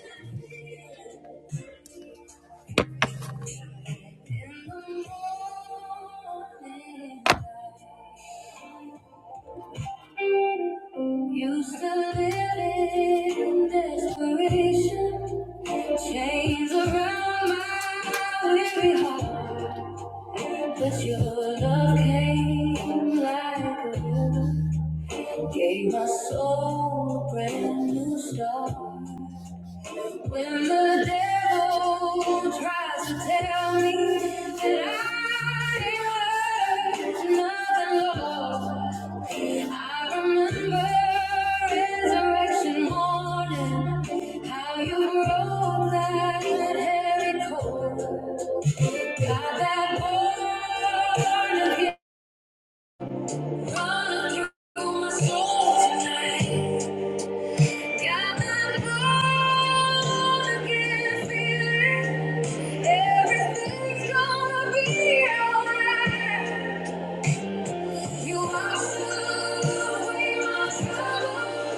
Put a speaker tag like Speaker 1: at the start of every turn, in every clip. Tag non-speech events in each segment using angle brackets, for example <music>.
Speaker 1: In the morning, used to live in desperation, chains around my weary heart. But your love came like a river, gave my soul a brand new start. When the devil tries to tell me that I ain't worth nothing, Lord. I remember resurrection morning, how you broke that heavy cold. Got that born again running through my soul tonight. Got that born again feeling. Everything's gonna be alright. You washed away my troubles.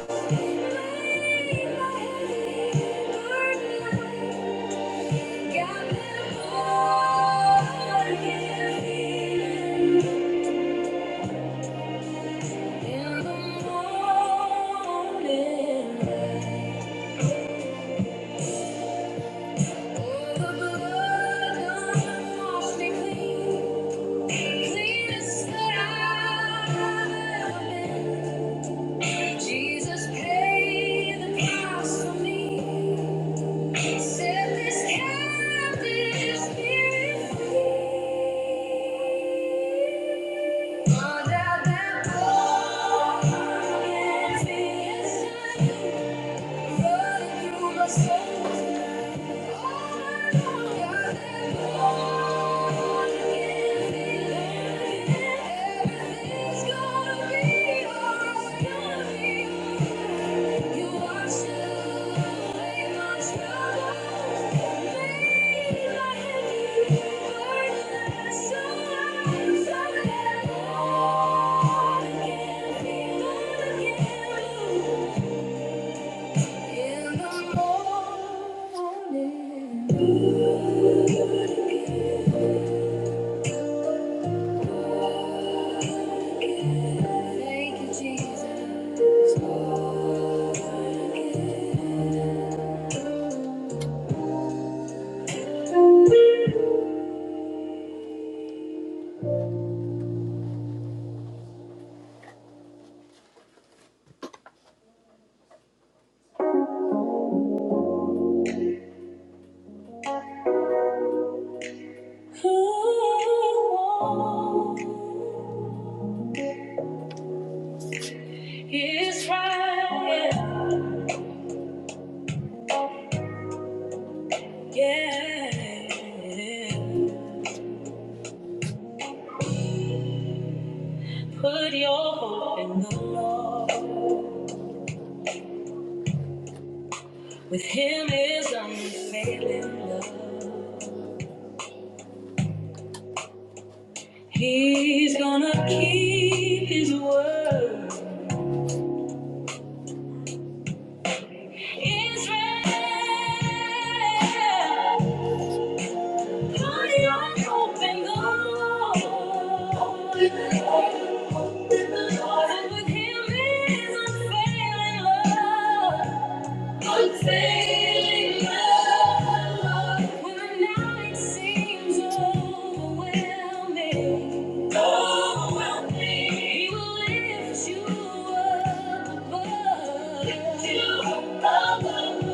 Speaker 1: Jesus paid the price for me. Set this captive spirit free. Under that wall against me inside you. Running through my soul. Thank you. In the morning, thank you, Jesus. Who is right? Yeah. Put your hope in the Lord. With him is unfailing love. He's gonna keep his word. Israel, God, you open the Lord. Open the Lord. And with him is unfailing love. Unfailing love. When the night seems overwhelming, overwhelming, He will lift you up above. Lift you up above.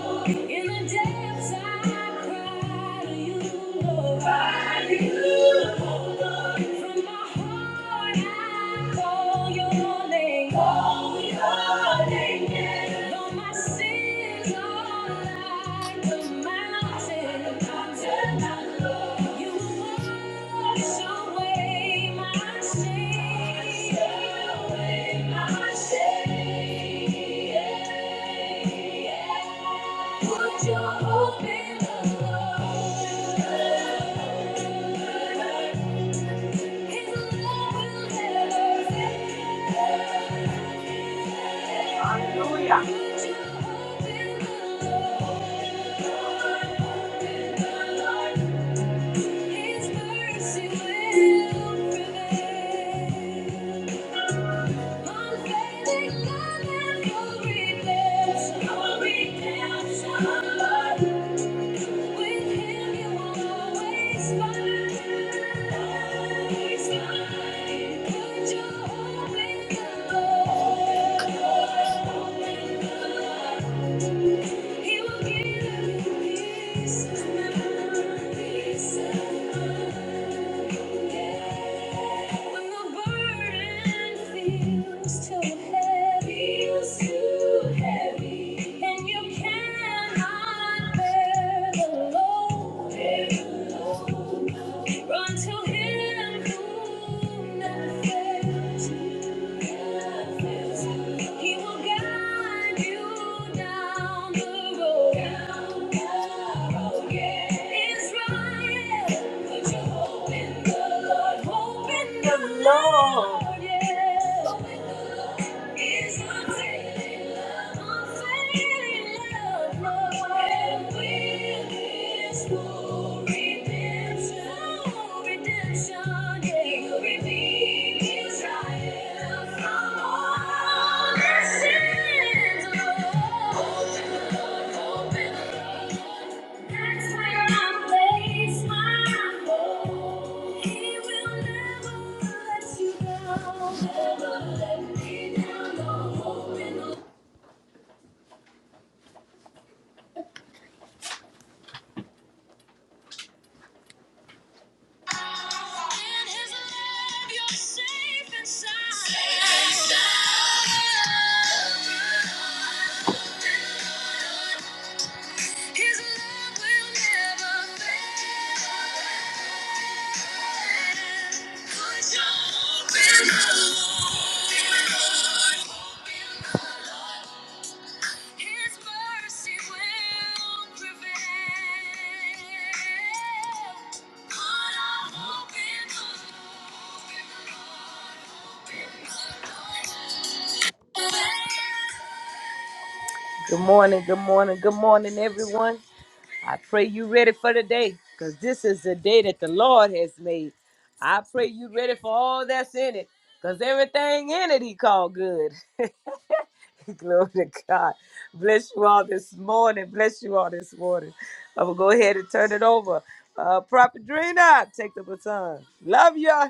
Speaker 1: In the depths I cry to you, Lord. Cry to you, oh Lord. From my heart I call your name. Call your name, yeah. Though my sins are like the mountain. You wash away my shame. Wash away my shame, yeah. yeah, yeah. Put your hope in the Lord. His love will never fail. Hallelujah. Put your hope in the Lord. In the Lord. His mercy will prevail. Unfailing love and full redemption. Full redemption. Lord. With him you always find, always find. Put your hope in the Lord. He will give you peace of of mind. When the burden feels too heavy, and you cannot bear the load, Run to him who never fails, never fails. He will guide you down the road. Down the road, yeah. Israel, put your hope in the Lord. Hope in the the Lord, Lord, yeah. Hope in the Lord. Is unfailing love, unfailing love, Lord. Will this no redemption, no redemption, yeah. redeem Israel from all their sins, Lord. Open, Lord, open. That's where I place my hope. He will never let you down. Never let me down. No hope in His love, you're safe and Safe and Good morning, good morning, good morning, everyone. I pray you ready for the day, because this is the day that the Lord has made. I pray you ready for all that's in it, because everything in it he called good. <laughs> Glory to God. Bless you all this morning. Bless you all this morning. I'm going to go ahead and turn it over. Uh, Prophet Drina, take the baton. Love you.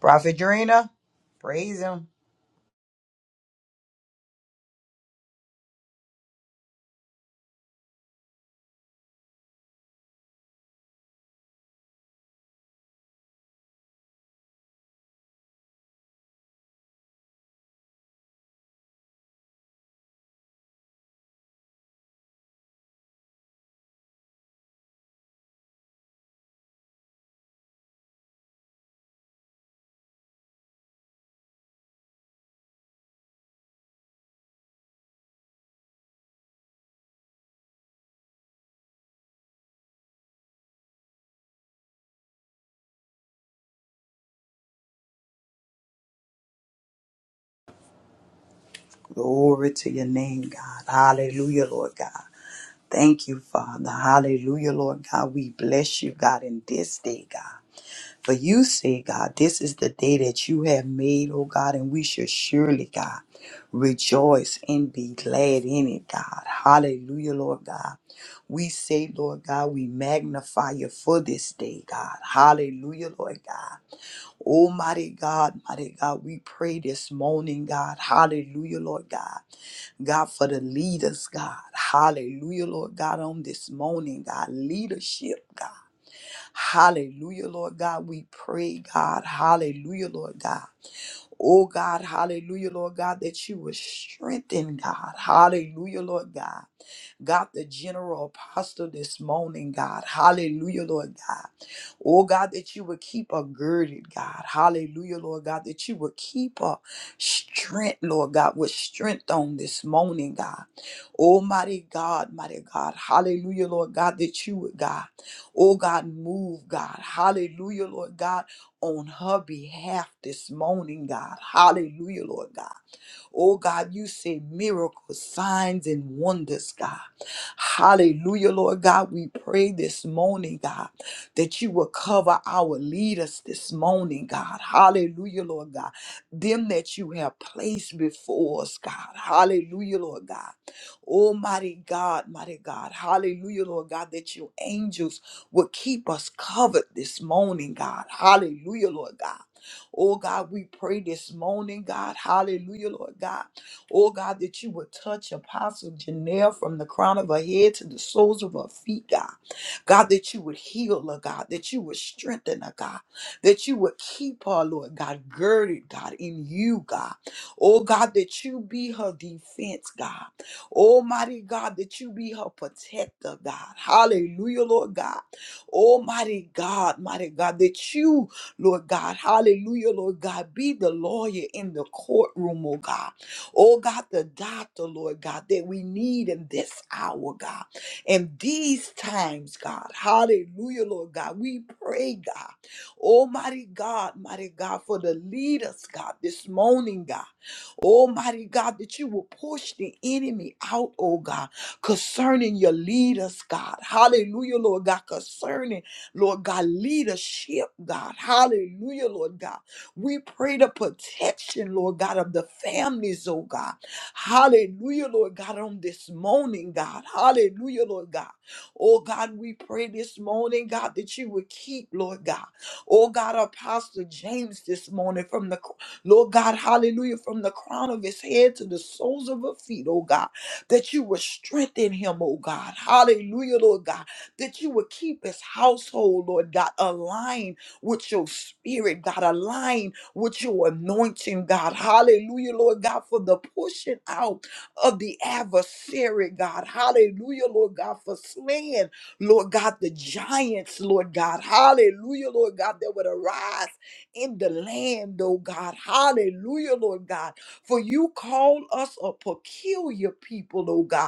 Speaker 2: Prophet Drina, praise him. Glory to your name, God. Hallelujah, Lord God. Thank you, Father. Hallelujah, Lord God. We bless you, God, in this day, God. For you say, God, this is the day that you have made, oh God, and we should surely, God, rejoice and be glad in it, God. Hallelujah, Lord God. We say, Lord God, we magnify you for this day, God. Hallelujah, Lord God. Oh, mighty God, mighty God, we pray this morning, God. Hallelujah, Lord God. God, for the leaders, God. Hallelujah, Lord God, on this morning, God. Leadership, God. Hallelujah, Lord God. We pray, God. Hallelujah, Lord God. Oh God, hallelujah, Lord God, that you will strengthen, God. Hallelujah, Lord God. God, the general apostle this morning, God. Hallelujah, Lord God. Oh, God, that you would keep her girded, God. Hallelujah, Lord God, that you would keep her strength, Lord God, with strength on this morning, God. Almighty God, mighty God. Hallelujah, Lord God, that you would, God. Oh, God, move, God. Hallelujah, Lord God, on her behalf this morning, God. Hallelujah, Lord God. Oh God, you say miracles, signs, and wonders, God. Hallelujah, Lord God. We pray this morning, God, that you will cover our leaders this morning, God. Hallelujah, Lord God. Them that you have placed before us, God. Hallelujah, Lord God. Almighty God, mighty God. Hallelujah, Lord God, that your angels will keep us covered this morning, God. Hallelujah, Lord God. Oh God, we pray this morning, God. Hallelujah, Lord God. Oh God, that you would touch Apostle Janelle from the crown of her head to the soles of her feet, God. God, that you would heal her, God, that you would strengthen her, God, that you would keep her, Lord God, girded, God, in you, God. Oh God, that you be her defense, God. Almighty God, that you be her protector, God. Hallelujah, Lord God. Almighty God, mighty God, that you Lord God. Hallelujah, Lord God. Be the lawyer in the courtroom, oh God. Oh God, the doctor, Lord God, that we need in this hour, God. In these times, God. Hallelujah, Lord God. We pray, God. Almighty God, mighty God, for the leaders, God, this morning, God. Almighty God, that you will push the enemy out, oh God, concerning your leaders, God. Hallelujah, Lord God, concerning Lord God, leadership, God. Hallelujah, Lord God. We pray the protection, Lord God, of the families, oh God. Hallelujah, Lord God, on this morning, God. Hallelujah, Lord God. Oh God, we pray this morning, God, that you would keep, Lord God. Oh God, Apostle James this morning from the, Lord God, hallelujah, from the crown of his head to the soles of her feet, oh God, that you would strengthen him, oh God. Hallelujah, Lord God that you would keep his household, Lord God, aligned with your spirit, God, aligned with your anointing, God. Hallelujah, Lord God, for the pushing out of the adversary, God. Hallelujah, Lord God, for slaying, Lord God, the giants, Lord God. Hallelujah, Lord God, that would arise in the land, oh God. Hallelujah, Lord God. For you call us a peculiar people, oh God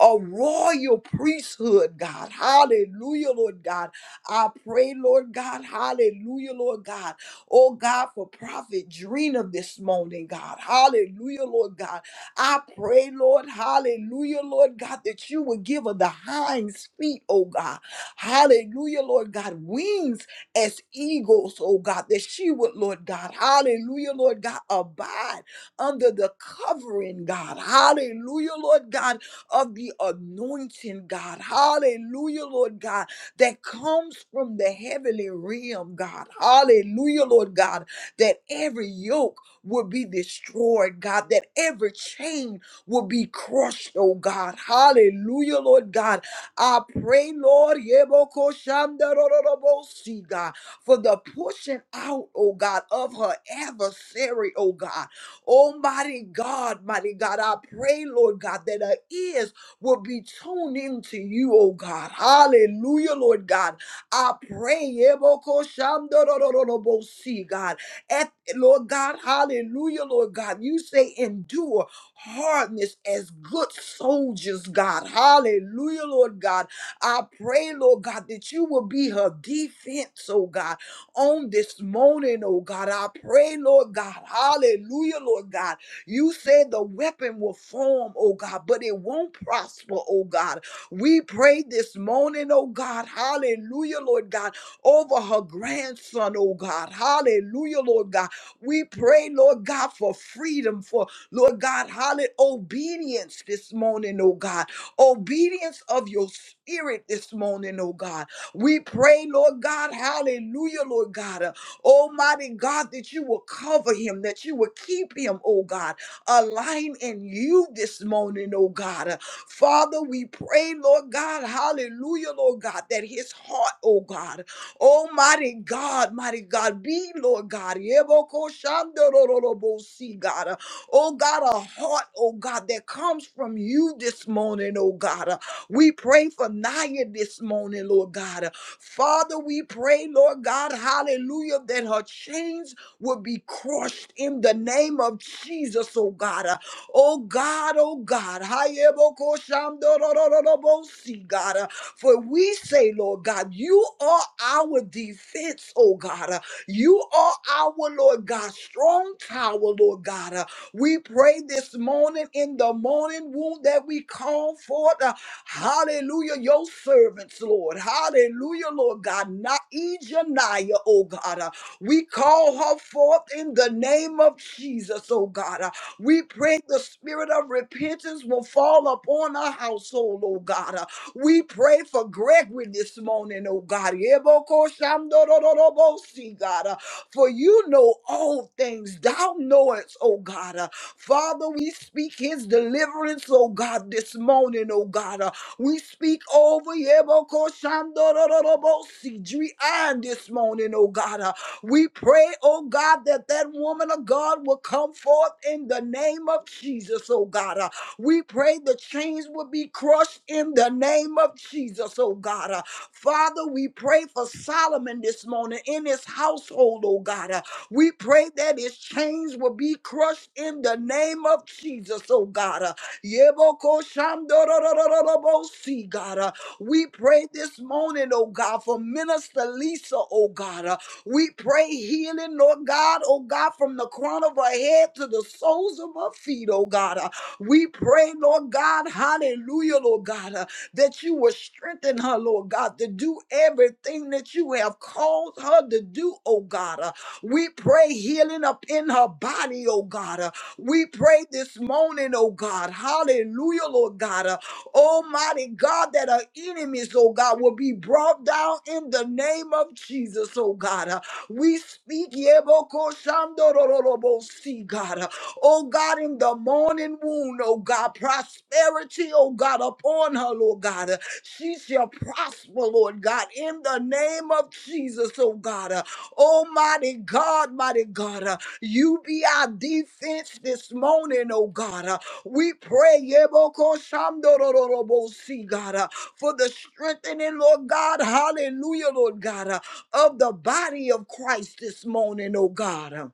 Speaker 2: a royal priesthood, God. Hallelujah, Lord God. I pray, Lord God. Hallelujah, Lord God. Oh, God, for Prophet Drina this morning, God. Hallelujah, Lord God. I pray, Lord. Hallelujah, Lord God, that you would give her the hinds feet, oh God. Hallelujah, Lord God. Wings as eagles, oh God, that she would, Lord God, hallelujah, Lord God, abide under the covering, God, hallelujah, Lord God, of the anointing, God. Hallelujah, Lord God, that comes from the heavenly realm, God. Hallelujah, Lord God, that every yoke will be destroyed, God, that every chain will be crushed, oh God. Hallelujah, Lord God. I pray, Lord, yebokoshandarororobosi, God, for the pushing out, oh God, of her adversary, oh God. Oh, mighty God, mighty God, I pray, Lord God, that our ears will be tuned into you, oh God. Hallelujah, Lord God. I pray, Ebokoshamdorororobosi, God. At, Lord God, hallelujah, Lord God. You say endure hardness as good soldiers, God. Hallelujah, Lord God. I pray, Lord God, that you will be her defense, oh God on this morning, oh God. I pray, Lord God. Hallelujah, Lord God. You said the weapon will form, oh God, but it won't prosper, oh God. We pray this morning, oh God. Hallelujah, Lord God, over her grandson, oh God. Hallelujah, Lord God. We pray, Lord God, for freedom, for Lord God, hallelujah, obedience this morning, oh God. Obedience of your spirit this morning, oh God. We pray, Lord God, hallelujah, Lord God, uh, Almighty God, that you will cover him, that you will keep him, oh God, align in you this morning, oh God. Uh, Father, we pray, Lord God, hallelujah, Lord God, that his heart, oh God, Almighty God, mighty God, be, Lord God, yebokoshandorororobosi, God, uh, oh God, a heart, oh God, that comes from you this morning, oh God. We pray for Naya this morning, Lord God. Father, we pray, Lord God, hallelujah, that her chains will be crushed in the name of Jesus, oh God. Oh God, oh God. Hayebokoshamdorororobosi, God. For we say, Lord God, you are our defense, oh God. You are our, Lord God, strong tower, Lord God. We pray this morning in the morning womb that we call forth. Hallelujah, your servants, Lord. Hallelujah, Lord God. Not Ejaniah, oh God. Uh, We call her forth in the name of Jesus, oh God. Uh, We pray the spirit of repentance will fall upon our household, oh God. Uh, We pray for Gregory this morning, oh God. Yebokoshamdorororobosi, God. Uh, For you know all things. Thou knowest, oh God. Uh, Father, we speak his deliverance, oh God, this morning, oh God. Uh, we speak over Yebokoshandorororobosi, Drian this morning, oh God. Uh, We pray, oh God, that that woman of God will come forth in the name of Jesus, oh God. Uh, We pray the chains will be crushed in the name of Jesus, oh God. Uh, Father, we pray for Solomon this morning in his household, oh God. Uh, We pray that his chains will be crushed in the name of Jesus, oh God. Uh, Yeboko shandorororobo, See, God, uh, we pray this morning, oh God, for Minister Lisa, oh God. uh, We pray healing, Lord God, oh God, from the crown of her head to the soles of her feet, oh God. uh, We pray, Lord God, hallelujah, Lord God, uh, that you will strengthen her, Lord God, to do everything that you have called her to do, oh God. uh, we pray healing up in her body, oh God. Uh, we pray this morning, oh God. Hallelujah, Lord God. Uh, Almighty God, that our enemies, oh God, will be brought down in the name of Jesus, oh God. Uh, We speak, Yebokoshandorororobosi, God. Uh, Oh God, in the morning wound, oh God, prosperity, oh God, upon her, Lord God. Uh, She shall prosper, Lord God, in the name of Jesus, oh God. Uh, Almighty God, mighty God. Uh, you be our defense this morning, oh God. Uh, we pray, Yebokoshamdorororobosi, God, uh, for the strengthening, Lord God, hallelujah, Lord God, uh, of the body of Christ this morning, oh God. Uh,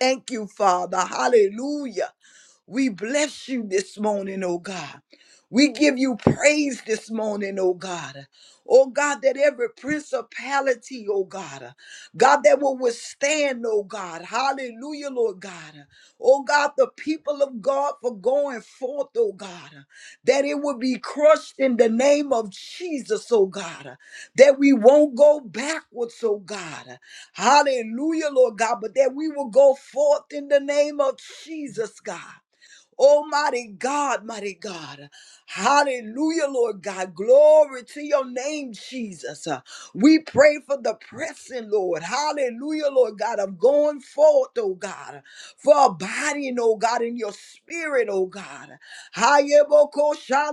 Speaker 2: Thank you, Father. Hallelujah. We bless you this morning, oh God. We give you praise this morning, oh God. Oh God, that every principality, oh God, God, that will withstand, oh God. Hallelujah, Lord God. Oh God, the people of God for going forth, oh God, that it will be crushed in the name of Jesus, oh God, that we won't go backwards, oh God. Hallelujah, Lord God, but that we will go forth in the name of Jesus, God. Oh, mighty God, mighty God. Hallelujah, Lord God. Glory to your name, Jesus. Uh, We pray for the pressing, Lord. Hallelujah, Lord God. of going forth, oh God. For abiding, oh God, in your spirit, oh God.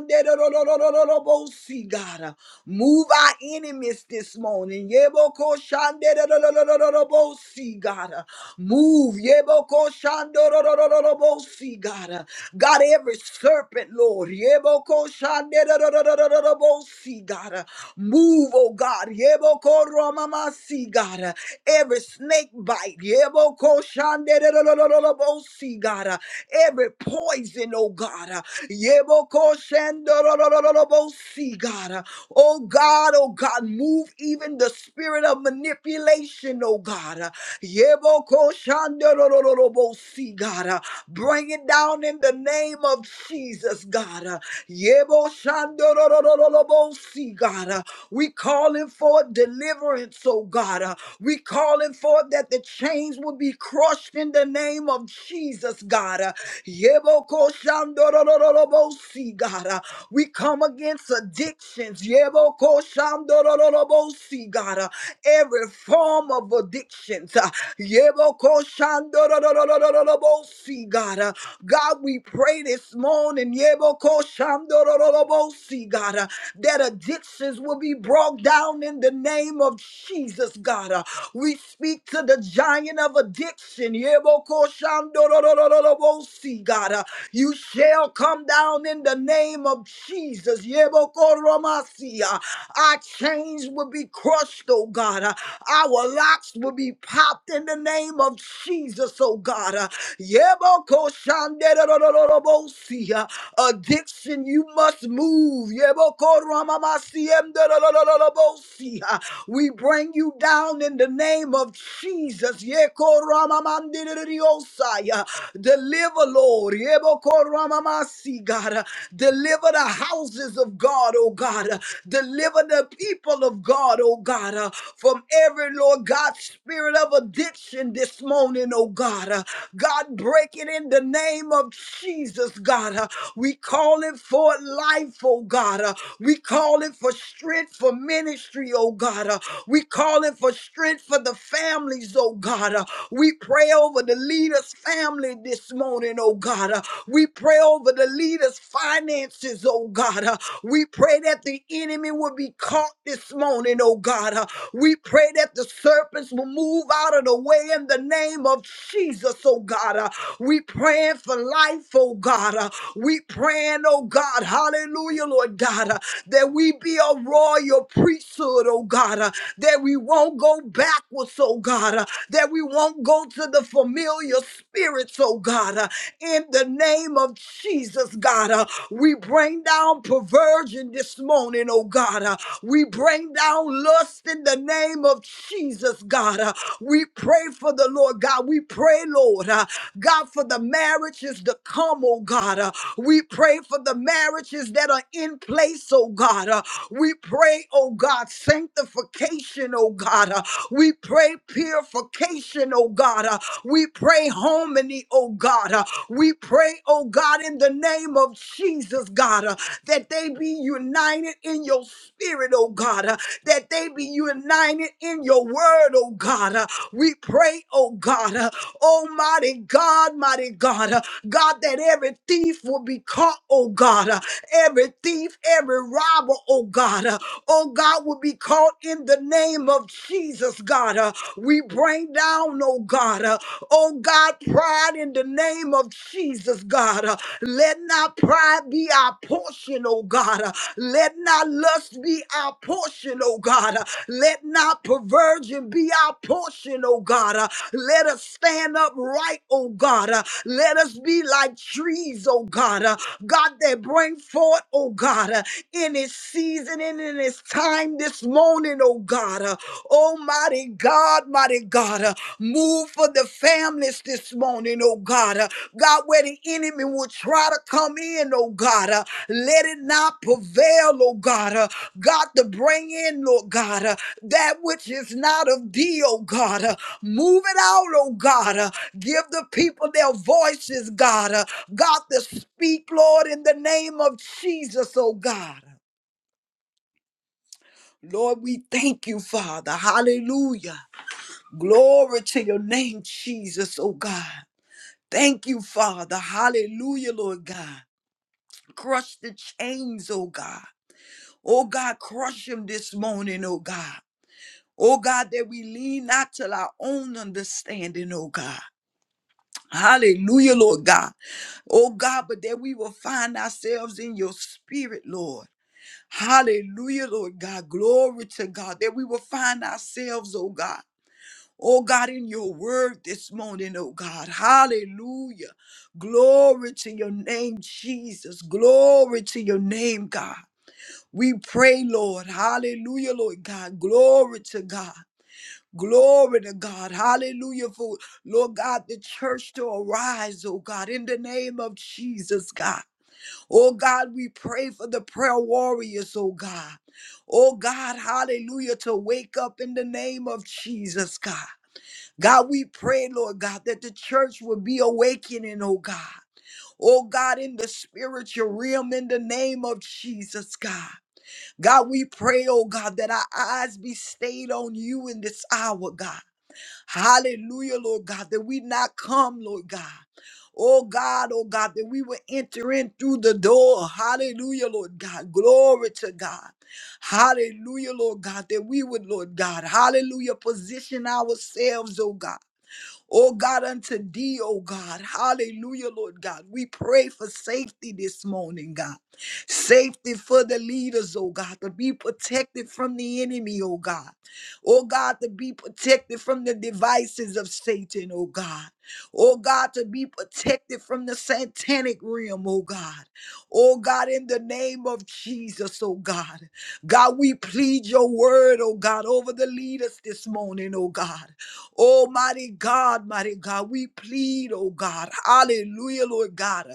Speaker 2: Yebokoshanderororororobosi, God. Move our enemies this morning. Yebokoshanderororororobosi, God. Move. Yebokoshandororororobosi, God. God, every serpent, Lord. Yebokoshanderororororobosi, God. Move, oh God. Yebokoromamasi, God. Every snake bite. Yebokoshanderororororobosi, God. Every poison, oh God. Yebokoshendorororobosi, God. Oh God, oh God, move even the spirit of manipulation, oh God. Yebokoshandorororobosi, God. Bring it down in the name of Jesus, God. Uh, Yebo shandororororobo si, God. Uh, We calling for deliverance, oh God. Uh, We calling for that the chains will be crushed in the name of Jesus, God. Uh, Yebo ko shandororororobo si, God. Uh, We come against addictions. Yebo ko shandorororobo si, God. Uh, Every form of addictions. uh, Yebo ko shandororororobo see, God. Uh, God, we pray this morning, Yeboko Shamdorolobo, See, God, uh, that addictions will be brought down in the name of Jesus, God. Uh, we speak to the giant of addiction, Yeboko Shamdorolobo, See, God. Uh, you shall come down in the name of Jesus, Yeboko Romasi. Uh, our chains will be crushed, oh God. Uh, our locks will be popped in the name of Jesus, oh God. Uh, Yebokoshanderorororobosia. Addiction, you must move. Yebokoramamasiemderorororobosia. We bring you down in the name of Jesus. Yekoramamamdiririosaya. Deliver, Lord. Yebokoramamasi, God. Deliver the houses of God, oh God. Deliver the people of God, oh God, uh, from every, Lord God, spirit of addiction this morning, oh God. Uh, God, break break it in the name of Jesus, God. Uh, We call it for life, oh God. Uh, We call it for strength for ministry, oh God. Uh, We call it for strength for the families, oh God. Uh, We pray over the leader's family this morning, oh God. Uh, We pray over the leader's finances, oh God. Uh, We pray that the enemy will be caught this morning, oh God. Uh, We pray that the serpents will move out of the way in the name of Jesus, oh God. Uh, God. Uh, We praying for life, oh God. Uh, We praying, oh God, hallelujah, Lord God, uh, that we be a royal priesthood, oh God, uh, that we won't go backwards, oh God, uh, that we won't go to the familiar spirits, oh God, uh, in the name of Jesus, God. Uh, we bring down perversion this morning, oh God. Uh, we bring down lust in the name of Jesus, God. Uh, we pray for the Lord, God. We pray, Lord. uh, God, for the marriages to come, oh God. Uh, we pray for the marriages that are in place, oh God. Uh, we pray, oh God, sanctification, oh God. Uh, we pray purification, oh God. Uh, we pray harmony, oh God. Uh, we pray, oh God, in the name of Jesus, God, uh, that they be united in your spirit, oh God. Uh, that they be united in your word, oh God. Uh, we pray, oh God. uh, Oh, mighty God, mighty God, uh, God, that every thief will be caught, oh God, uh, every thief, every robber, oh God, uh, oh God, will be caught in the name of Jesus, God. uh, We bring down, oh God. uh, Oh God, pride in the name of Jesus, God. Uh, Let not pride be our portion, oh God. Uh, Let not lust be our portion, oh God. Uh, Let not perversion be our portion, oh God. Uh, Let us stand upright, oh God. Uh, Let us be like trees, oh God. Uh, God, that bring forth, oh God, uh, in its season and in its time this morning, oh God. Uh, Oh, mighty God, mighty God, uh, move for the families this morning, oh God. uh, God, where the enemy will try to come in, oh God, uh, let it not prevail, oh God. uh, God, to bring in, Lord God, uh, that which is not of thee, oh God. uh, move it out, oh God. uh, give the people their voices, God. uh, God, to speak, Lord, in the name of Jesus, oh God. Lord, we thank you, Father. Hallelujah. Glory to your name, Jesus, oh God. Thank you, Father. Hallelujah, Lord God. Crush the chains, oh God. Oh God, crush them this morning, oh God. Oh God, that we lean not to our own understanding, oh God. Hallelujah, Lord God. Oh God, but that we will find ourselves in your spirit, Lord. Hallelujah, Lord God. Glory to God. That we will find ourselves, oh God. Oh God, in your word this morning, oh God. Hallelujah. Glory to your name, Jesus. Glory to your name, God. We pray, Lord. Hallelujah, Lord God. Glory to God. Glory to God. Hallelujah. For Lord God, the church to arise, oh God, in the name of Jesus, God. Oh God, we pray for the prayer warriors, oh God. Oh God, hallelujah, to wake up in the name of Jesus, God. God, we pray, Lord God, that the church will be awakening, oh God. Oh God, in the spiritual realm, in the name of Jesus, God. God, we pray, oh God, that our eyes be stayed on you in this hour, God. Hallelujah, Lord God, that we not come, Lord God. Oh God, oh God, that we will enter in through the door. Hallelujah, Lord God. Glory to God. Hallelujah, Lord God, that we would, Lord God, hallelujah, position ourselves, oh God. Oh God, unto thee, oh God. Hallelujah, Lord God. We pray for safety this morning, God. Safety for the leaders, oh God, to be protected from the enemy, oh God. Oh God, to be protected from the devices of Satan, oh God. Oh God, to be protected from the satanic realm, oh God. Oh God, in the name of Jesus, oh God. God, we plead your word, oh God, over the leaders this morning, oh God. Oh, mighty God, mighty God, we plead, oh God. Hallelujah, Lord God.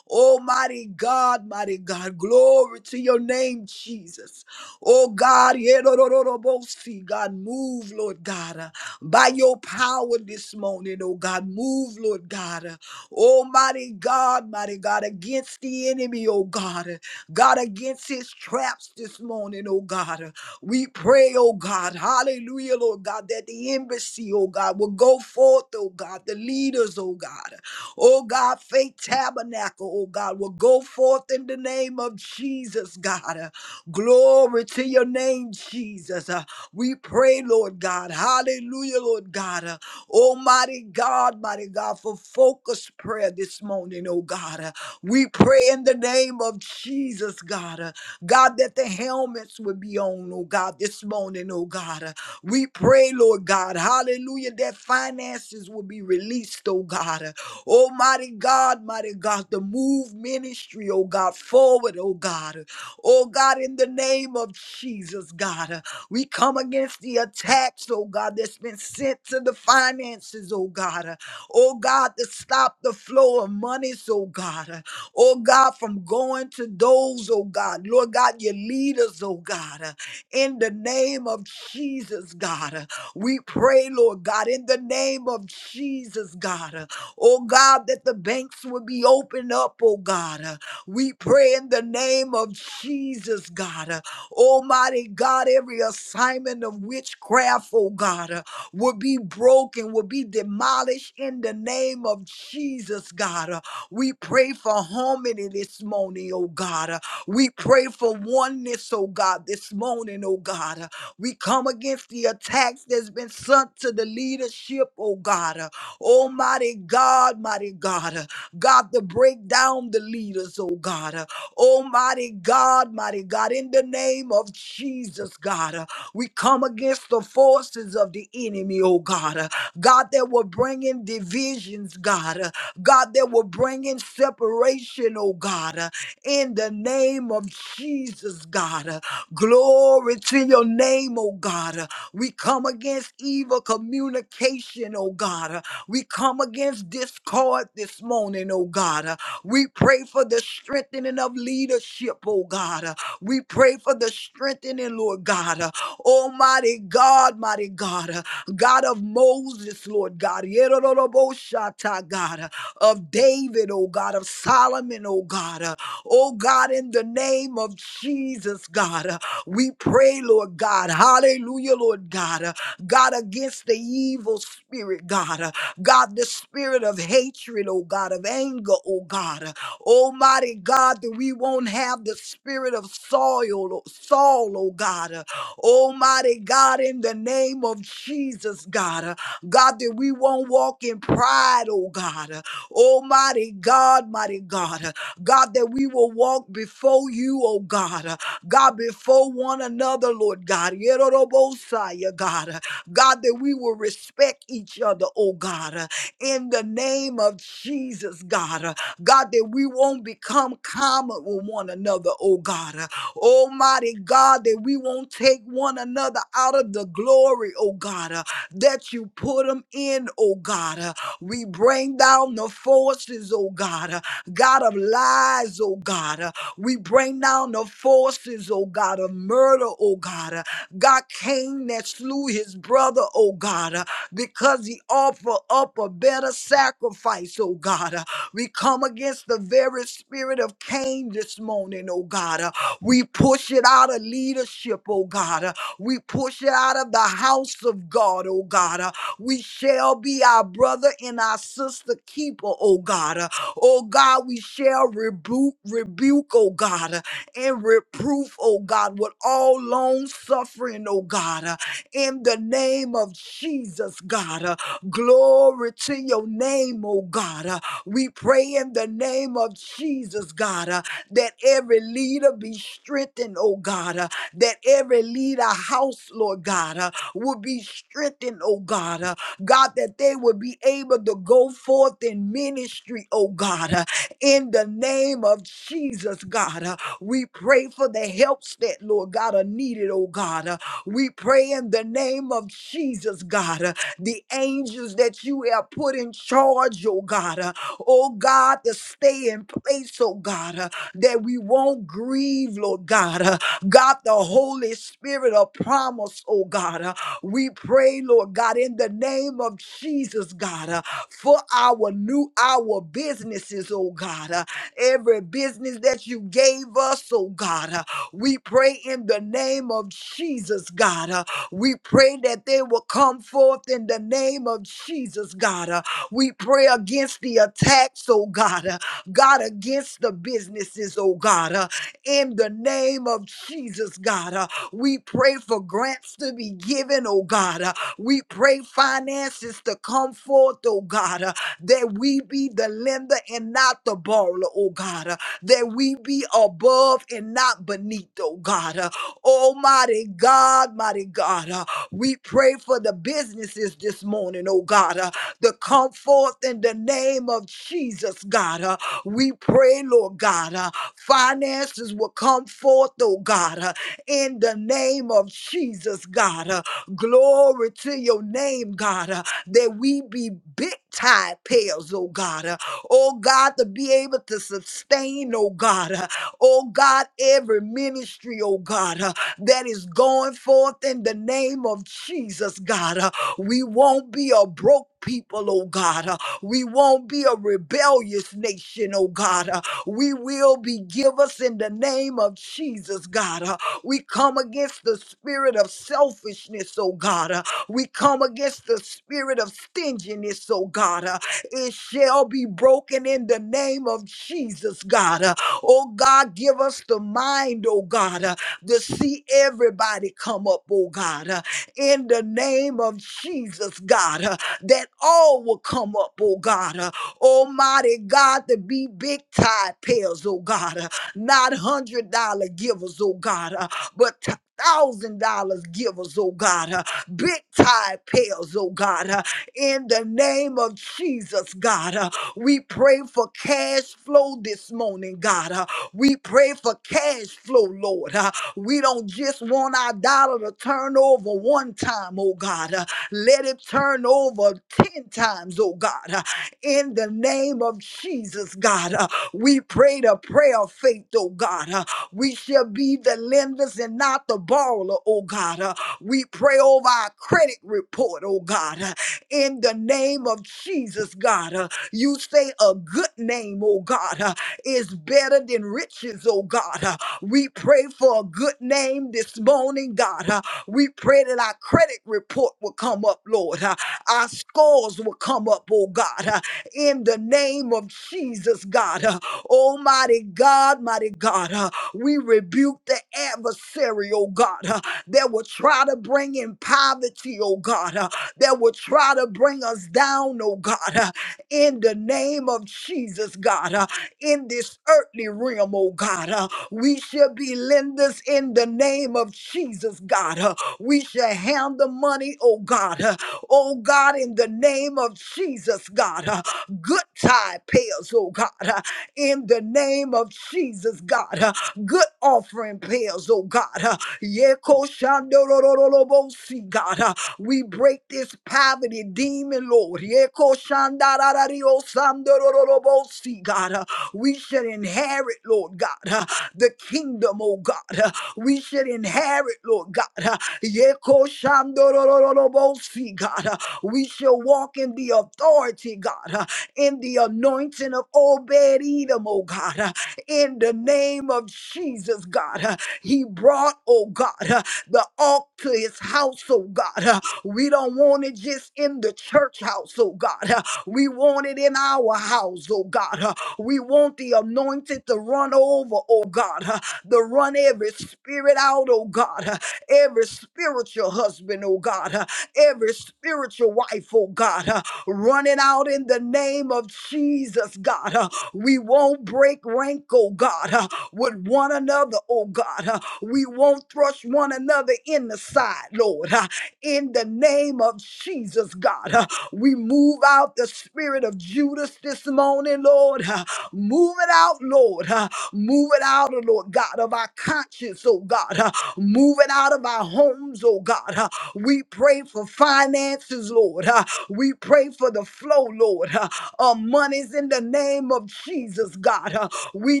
Speaker 2: Oh, mighty God, mighty God, glory to your name, Jesus. Oh, God, yedorororobosi, God, move, Lord God, by your power this morning, oh God, move, Lord God. Oh, mighty God, mighty God, against the enemy, oh God. God, against his traps this morning, oh God. We pray, oh God, hallelujah, Lord God, that the embassy, oh God, will go forth, oh God, the leaders, oh God, oh God, faith tabernacle, oh God, will go forth in the name of Jesus, God. Uh, Glory to your name, Jesus. Uh, We pray, Lord God, hallelujah, Lord God, Uh, almighty God, mighty God, for focused prayer this morning, oh God. Uh, We pray in the name of Jesus, God, Uh, God, that the helmets would be on, oh God, this morning, oh God. Uh, We pray, Lord God, hallelujah, that finances will be released, oh God. Uh, Almighty God, mighty God, the move ministry, oh God, forward, oh God. Uh, Oh God, in the name of Jesus, God, uh, we come against the attacks, oh God, that's been sent to the finances, oh God. Uh, Oh God, to stop the flow of monies, oh God oh God, from going to those, oh God, Lord God, your leaders, oh God, uh, in the name of Jesus, God. uh, We pray, Lord God, in the name of Jesus, God, uh, oh God, that the banks will be opened up, oh God. uh, We pray in the name of Jesus, God, uh, Almighty God, every assignment of witchcraft, oh God, uh, will be broken, will be demolished in the name of Jesus, God. We pray for harmony this morning, oh God. Uh, We pray for oneness, oh God, this morning, oh God. Uh, We come against the attacks that's been sent to the leadership, oh God. Uh, Almighty God, mighty God. Uh, God, to break down the leaders, oh God. Uh, Almighty God, mighty God, in the name of Jesus, God. Uh, We come against the forces of the enemy, oh God. Uh, God, that will bring in divisions, God. Uh, God, that will bring in separation, oh God, uh, in the name of Jesus, God. Uh, Glory to your name, oh God. Uh, We come against evil communication, oh God. Uh, We come against discord this morning, oh God. Uh, We pray for the strengthening of leadership, oh God. Uh, We pray for the strengthening, Lord God. Uh, Almighty God, mighty God, uh, God of Moses, Lord God. Yerorobosha, God. uh, of David, oh God, of Solomon, oh God. Uh, oh God, in the name of Jesus, God, uh, we pray, Lord God. Hallelujah, Lord God. Uh, God, against the evil spirit, God. Uh, God, the spirit of hatred, oh God, of anger, oh God. Uh, Almighty God, that we won't have the spirit of soil, oh, Saul, oh God. Uh, Almighty God, in the name of Jesus, God. Uh, God, that we won't walk in pride, oh God. uh, Oh, mighty God, mighty God. God, that we will walk before you, oh God. God, before one another, Lord God. Yerorobosaya, God. God, that we will respect each other, oh God. In the name of Jesus, God. God, that we won't become common with one another, oh God. Almighty God, that we won't take one another out of the glory, oh God, uh, that you put them in, oh God. We bring down the forces, oh God, uh, God of lies, oh God. uh, We bring down the forces, oh God, of murder, oh God. uh, God Cain that slew his brother, oh God, uh, because he offered up a better sacrifice, oh God. uh, We come against the very spirit of Cain this morning, oh God. uh, We push it out of leadership, oh God. uh, We push it out of the house of God, oh God. uh. We shall be our brother and our sister keeper, oh God. Uh, Oh God, we shall rebuke, rebuke, oh God, uh, and reproof, oh God, with all long suffering, oh God, uh, in the name of Jesus, God. Uh, Glory to your name, oh God. Uh, We pray in the name of Jesus, God, uh, that every leader be strengthened, oh God, uh, that every leader house, Lord God. uh, would be strengthened, oh God. Uh, God, that they would be able to go forth in ministry, oh God. Uh, in the name of Jesus, God, uh, we pray for the helps that, Lord God, are needed, oh God. Uh, we pray in the name of Jesus, God, uh, the angels that you have put in charge, oh God. Uh, oh God, to stay in place, oh God, uh, that we won't grieve, Lord God. Uh, God, the Holy Spirit of promise, oh God. uh, we pray, Lord God, in the name of Jesus, God, uh, for our new our businesses, oh God. uh, every business that you gave us, oh God. uh, we pray in the name of Jesus, God. uh, we pray that they will come forth in the name of Jesus, God. uh, we pray against the attacks, oh God. uh, God, against the businesses, oh God. uh, in the name of Jesus, God. uh, we pray for grants to be given, oh God. Uh, We pray finances to come forth, oh God, uh, that we be the lender and not the borrower, oh God, uh, that we be above and not beneath, oh God. Uh, Almighty God, mighty God, uh, we pray for the businesses this morning, oh God, uh, to come forth in the name of Jesus, God. Uh, we pray, Lord God, uh, finances will come forth, oh God. uh, in the name of Jesus, God. Uh, glory to your name, God, uh, that we be big tide pails, oh God. Uh, oh God, to be able to sustain, oh God. Uh, oh God, every ministry, oh God, uh, that is going forth in the name of Jesus, God. Uh, we won't be a broke people, oh God. Uh, we won't be a rebellious nation, oh God. Uh, we will be givers in the name of Jesus, God. Uh, we come against the spirit of selfishness, oh God. Uh, We come against the spirit of stinginess, oh God. Uh, It shall be broken in the name of Jesus, God. Uh, Oh God, give us the mind, oh God, uh, to see everybody come up, oh God. Uh, In the name of Jesus, God, uh, that all will come up, oh God. Uh, Almighty God, to be big tide pairs, oh God. Uh, not hundred dollar givers, oh God. uh, but t- thousand dollars givers, oh God, uh, big tide payers, oh God, uh, in the name of Jesus, God. uh, we pray for cash flow this morning, God. uh, we pray for cash flow, Lord. uh, we don't just want our dollar to turn over one time, oh God. uh, let it turn over 10 times, oh God. uh, in the name of Jesus, God. uh, we pray the prayer of faith, oh God. Uh, we shall be the lenders and not the borrower, oh God. Uh, We pray over our credit report, oh God. Uh, In the name of Jesus, God. Uh, You say a good name, oh God, uh, is better than riches, oh God. Uh, We pray for a good name this morning, God. Uh, We pray that our credit report will come up, Lord. Uh, Our scores will come up, oh God. Uh, In the name of Jesus, God. Uh, Almighty God, mighty God. Uh, we rebuke the adversary, oh God, uh, that will try to bring in poverty, oh God, uh, that will try to bring us down, oh God, uh, in the name of Jesus, God, uh, in this earthly realm, oh God. uh, we shall be lenders in the name of Jesus, God. uh, we shall hand the money, oh God, uh, oh God, in the name of Jesus, God. uh, good tide payers, oh God, uh, in the name of Jesus, God. uh, good offering pairs, oh God. Uh, Yeko shandorororobosi, God. Uh, We break this poverty demon, Lord. Yeko shandararario sandorororobosi, God. Uh, We should inherit, Lord God, uh, the kingdom, oh God. Uh, We should inherit, Lord God. Uh, Yeko shandorororobosi, God. Uh, We shall walk in the authority, God, uh, in the anointing of Obed Edom, oh God in the name of Jesus, God. Uh, He brought, oh God, uh, the ark to his house, oh God. Uh, We don't want it just in the church house, oh God. Uh, We want it in our house, oh God. Uh, We want the anointed to run over, oh God, uh, to run every spirit out, oh God, uh, every spiritual husband, oh God, uh, every spiritual wife, oh God, uh, running out in the name of Jesus, God. We won't break rank, oh God, uh, with one another, oh God. uh, We won't thrust one another in the side, Lord. uh, In the name of Jesus, God, uh, we move out the spirit of Judas this morning, Lord. uh, Move it out, Lord. uh, Move it out, oh Lord God, of our conscience, oh God. uh, Move it out of our homes, oh God. uh, We pray for finances, Lord. uh, We pray for the flow, Lord. uh uh, monies in the name of Jesus, God. Uh, we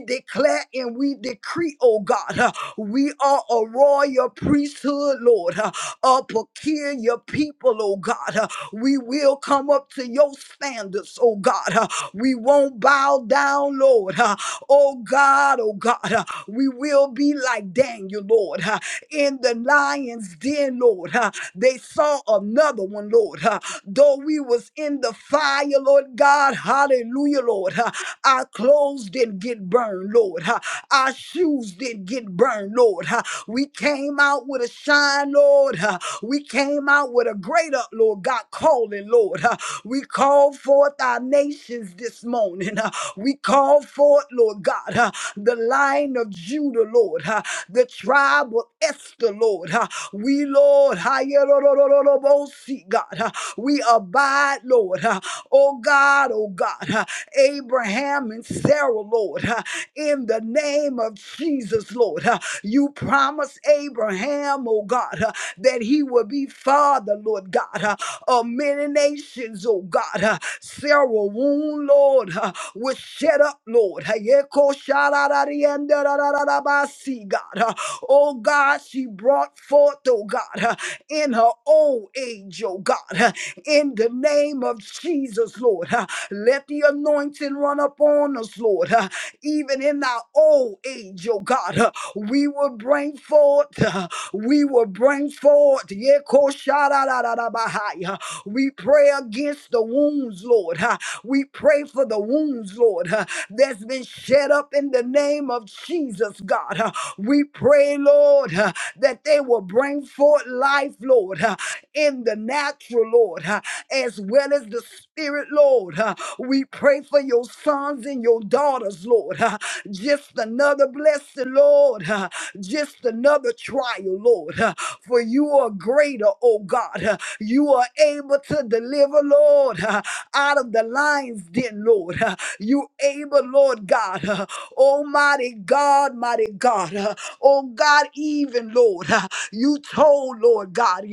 Speaker 2: declare and we decree, oh God, uh, we are a royal priesthood, Lord, uh, a peculiar people, oh God. Uh, we will come up to your standards, oh God. Uh, we won't bow down, Lord. Uh, oh God, oh God. Uh, we will be like Daniel, Lord. uh, in the lion's den, Lord. Uh, They saw another one, Lord. Uh, Though we was in the fire, Lord God, hallelujah, Lord. Uh, Our clothes didn't get burned, Lord. Uh, Our shoes didn't get burned, Lord. Uh, We came out with a shine, Lord. Uh, We came out with with a greater, Lord God, calling, Lord. <laughs> Uh, We call forth our nations this morning. <laughs> Uh, We call forth, Lord God, <laughs> uh, the line of Judah, Lord, <laughs> uh, the tribe of Esther, Lord. <laughs> Uh, We, Lord, <laughs> Hayerorororobosi, God, uh, we abide, Lord. <laughs> uh, Oh God, oh God, <laughs> uh, Abraham and Sarah, Lord. Uh, in the name of Jesus, Lord. Uh, You promised Abraham, oh God, uh, that he would be father, Lord God, uh, of many nations, oh God. Uh, Sarah womb, Lord, uh, was shut up, Lord. Uh, Yeko sharararienda rararabasi, God. Uh, Oh God, she brought forth, oh God, uh, in her old age, oh God, uh, in the name of Jesus, Lord. Uh, Let the anointing run upon us, Lord. Uh, even in our old age, oh God. uh, We will bring forth, uh, we will bring forth. Yekoshadadadadabahai, uh, We pray against the wounds, Lord. uh, We pray for the wounds, Lord, uh, that's been shed up in the name of Jesus, God. uh, We pray, Lord, uh, that they will bring forth life, Lord, uh, in the natural, Lord. uh, as well as the Spirit, Lord. Uh, We pray for your sons and your daughters, Lord. Uh, Just another blessing, Lord. Uh, Just another trial, Lord. Uh, For you are greater, oh God. Uh, You are able to deliver, Lord, uh, out of the lion's den, Lord. Uh, You able, Lord God. Uh, Almighty God, mighty God. Uh, Oh God, even, Lord. uh, You told, Lord God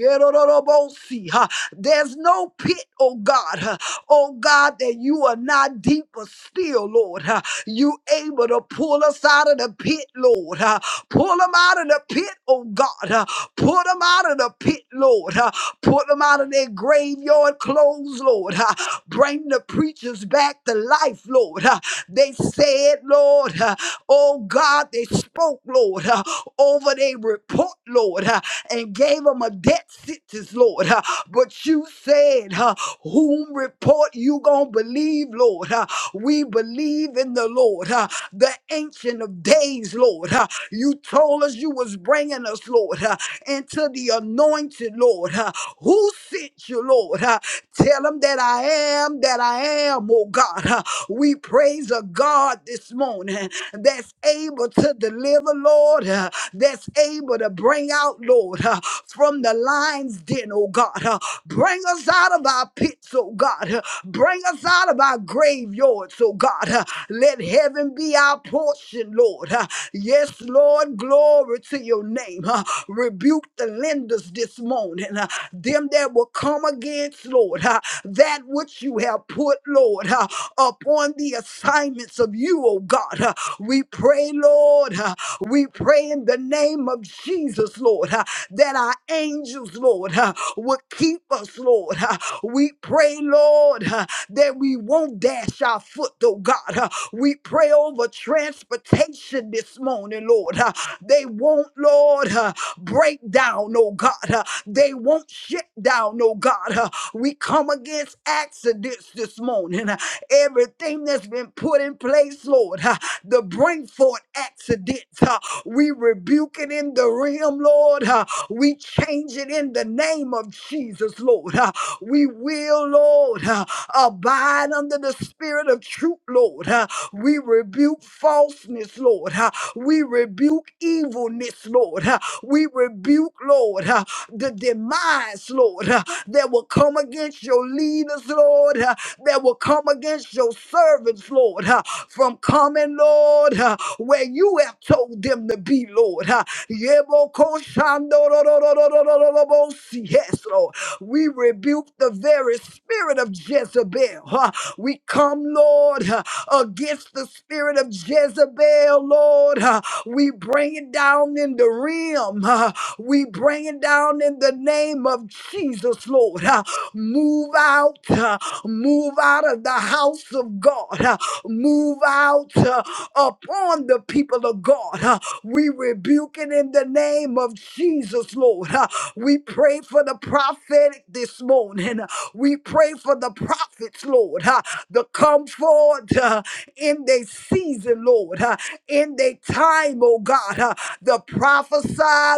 Speaker 2: see. huh? There's no pit, oh God, huh, oh God, that you are not deeper still, Lord. huh? You able to pull us out of the pit, Lord. huh? Pull them out of the pit, oh God. huh? Pull them out of the pit, Lord. huh? Pull them out of their graveyard clothes, Lord. huh? Bring the preachers back to life, Lord. huh? They said, Lord, huh, oh God, they spoke, Lord, huh, over their report, Lord. huh, And and gave them a death sentence, Lord. Uh, But you said, uh, whom report you gonna believe, Lord? Uh, We believe in the Lord, uh, the ancient of days, Lord. Uh, You told us you was bringing us, Lord, uh, into the anointed, Lord. Uh, Who sent you, Lord? Uh, Tell them that I am, that I am, oh God. Uh, We praise a God this morning that's able to deliver, Lord, uh, that's able to bring out, Lord, uh, from the lion's den, oh God. uh, bring us out of our pits, oh God. uh, bring us out of our graveyards, oh God. uh, let heaven be our portion, Lord. uh, yes, Lord, glory to your name. uh, rebuke the lenders this morning, uh, them that will come against, Lord, uh, that which you have put, Lord, uh, upon the assignments of you, oh God. uh, we pray, Lord. uh, we pray in the name of Jesus, Lord, uh, that our angels, Lord, uh, will keep us, Lord. Uh, We pray, Lord, uh, that we won't dash our foot, oh God. Uh, We pray over transportation this morning, Lord. Uh, They won't, Lord, uh, break down, oh God. Uh, They won't shut down, oh God. Uh, We come against accidents this morning. Uh, Everything that's been put in place, Lord. uh, the bring forth accidents. uh, we rebuke it in the realm, Lord. uh, we change it in the name of Jesus, Lord. uh, we will, Lord, uh, abide under the spirit of truth, Lord. uh, we rebuke falseness, Lord. uh, we rebuke evilness, Lord. uh, we rebuke, Lord, uh, the demise, Lord. huh? that will come against your leaders, Lord, uh, that will come against your servants, Lord, uh, from coming, Lord, uh, where you have told them to be, Lord. uh. Yebokoshandororororororobosi. Yes, Lord. We rebuke the very spirit of Jezebel. uh. We come, Lord, uh, against the spirit of Jezebel, Lord. uh. We bring it down in the realm. huh? We bring it down in the name of Jesus, Lord. Uh, Move out, uh, move out of the house of God, uh, move out uh, upon the people of God. Uh, We rebuke it in the name of Jesus, Lord. Uh, We pray for the prophetic this morning. Uh, We pray for the prophets, Lord, uh, to come forward uh, in their season, Lord. Uh, in their time, oh God, uh, the prophesy,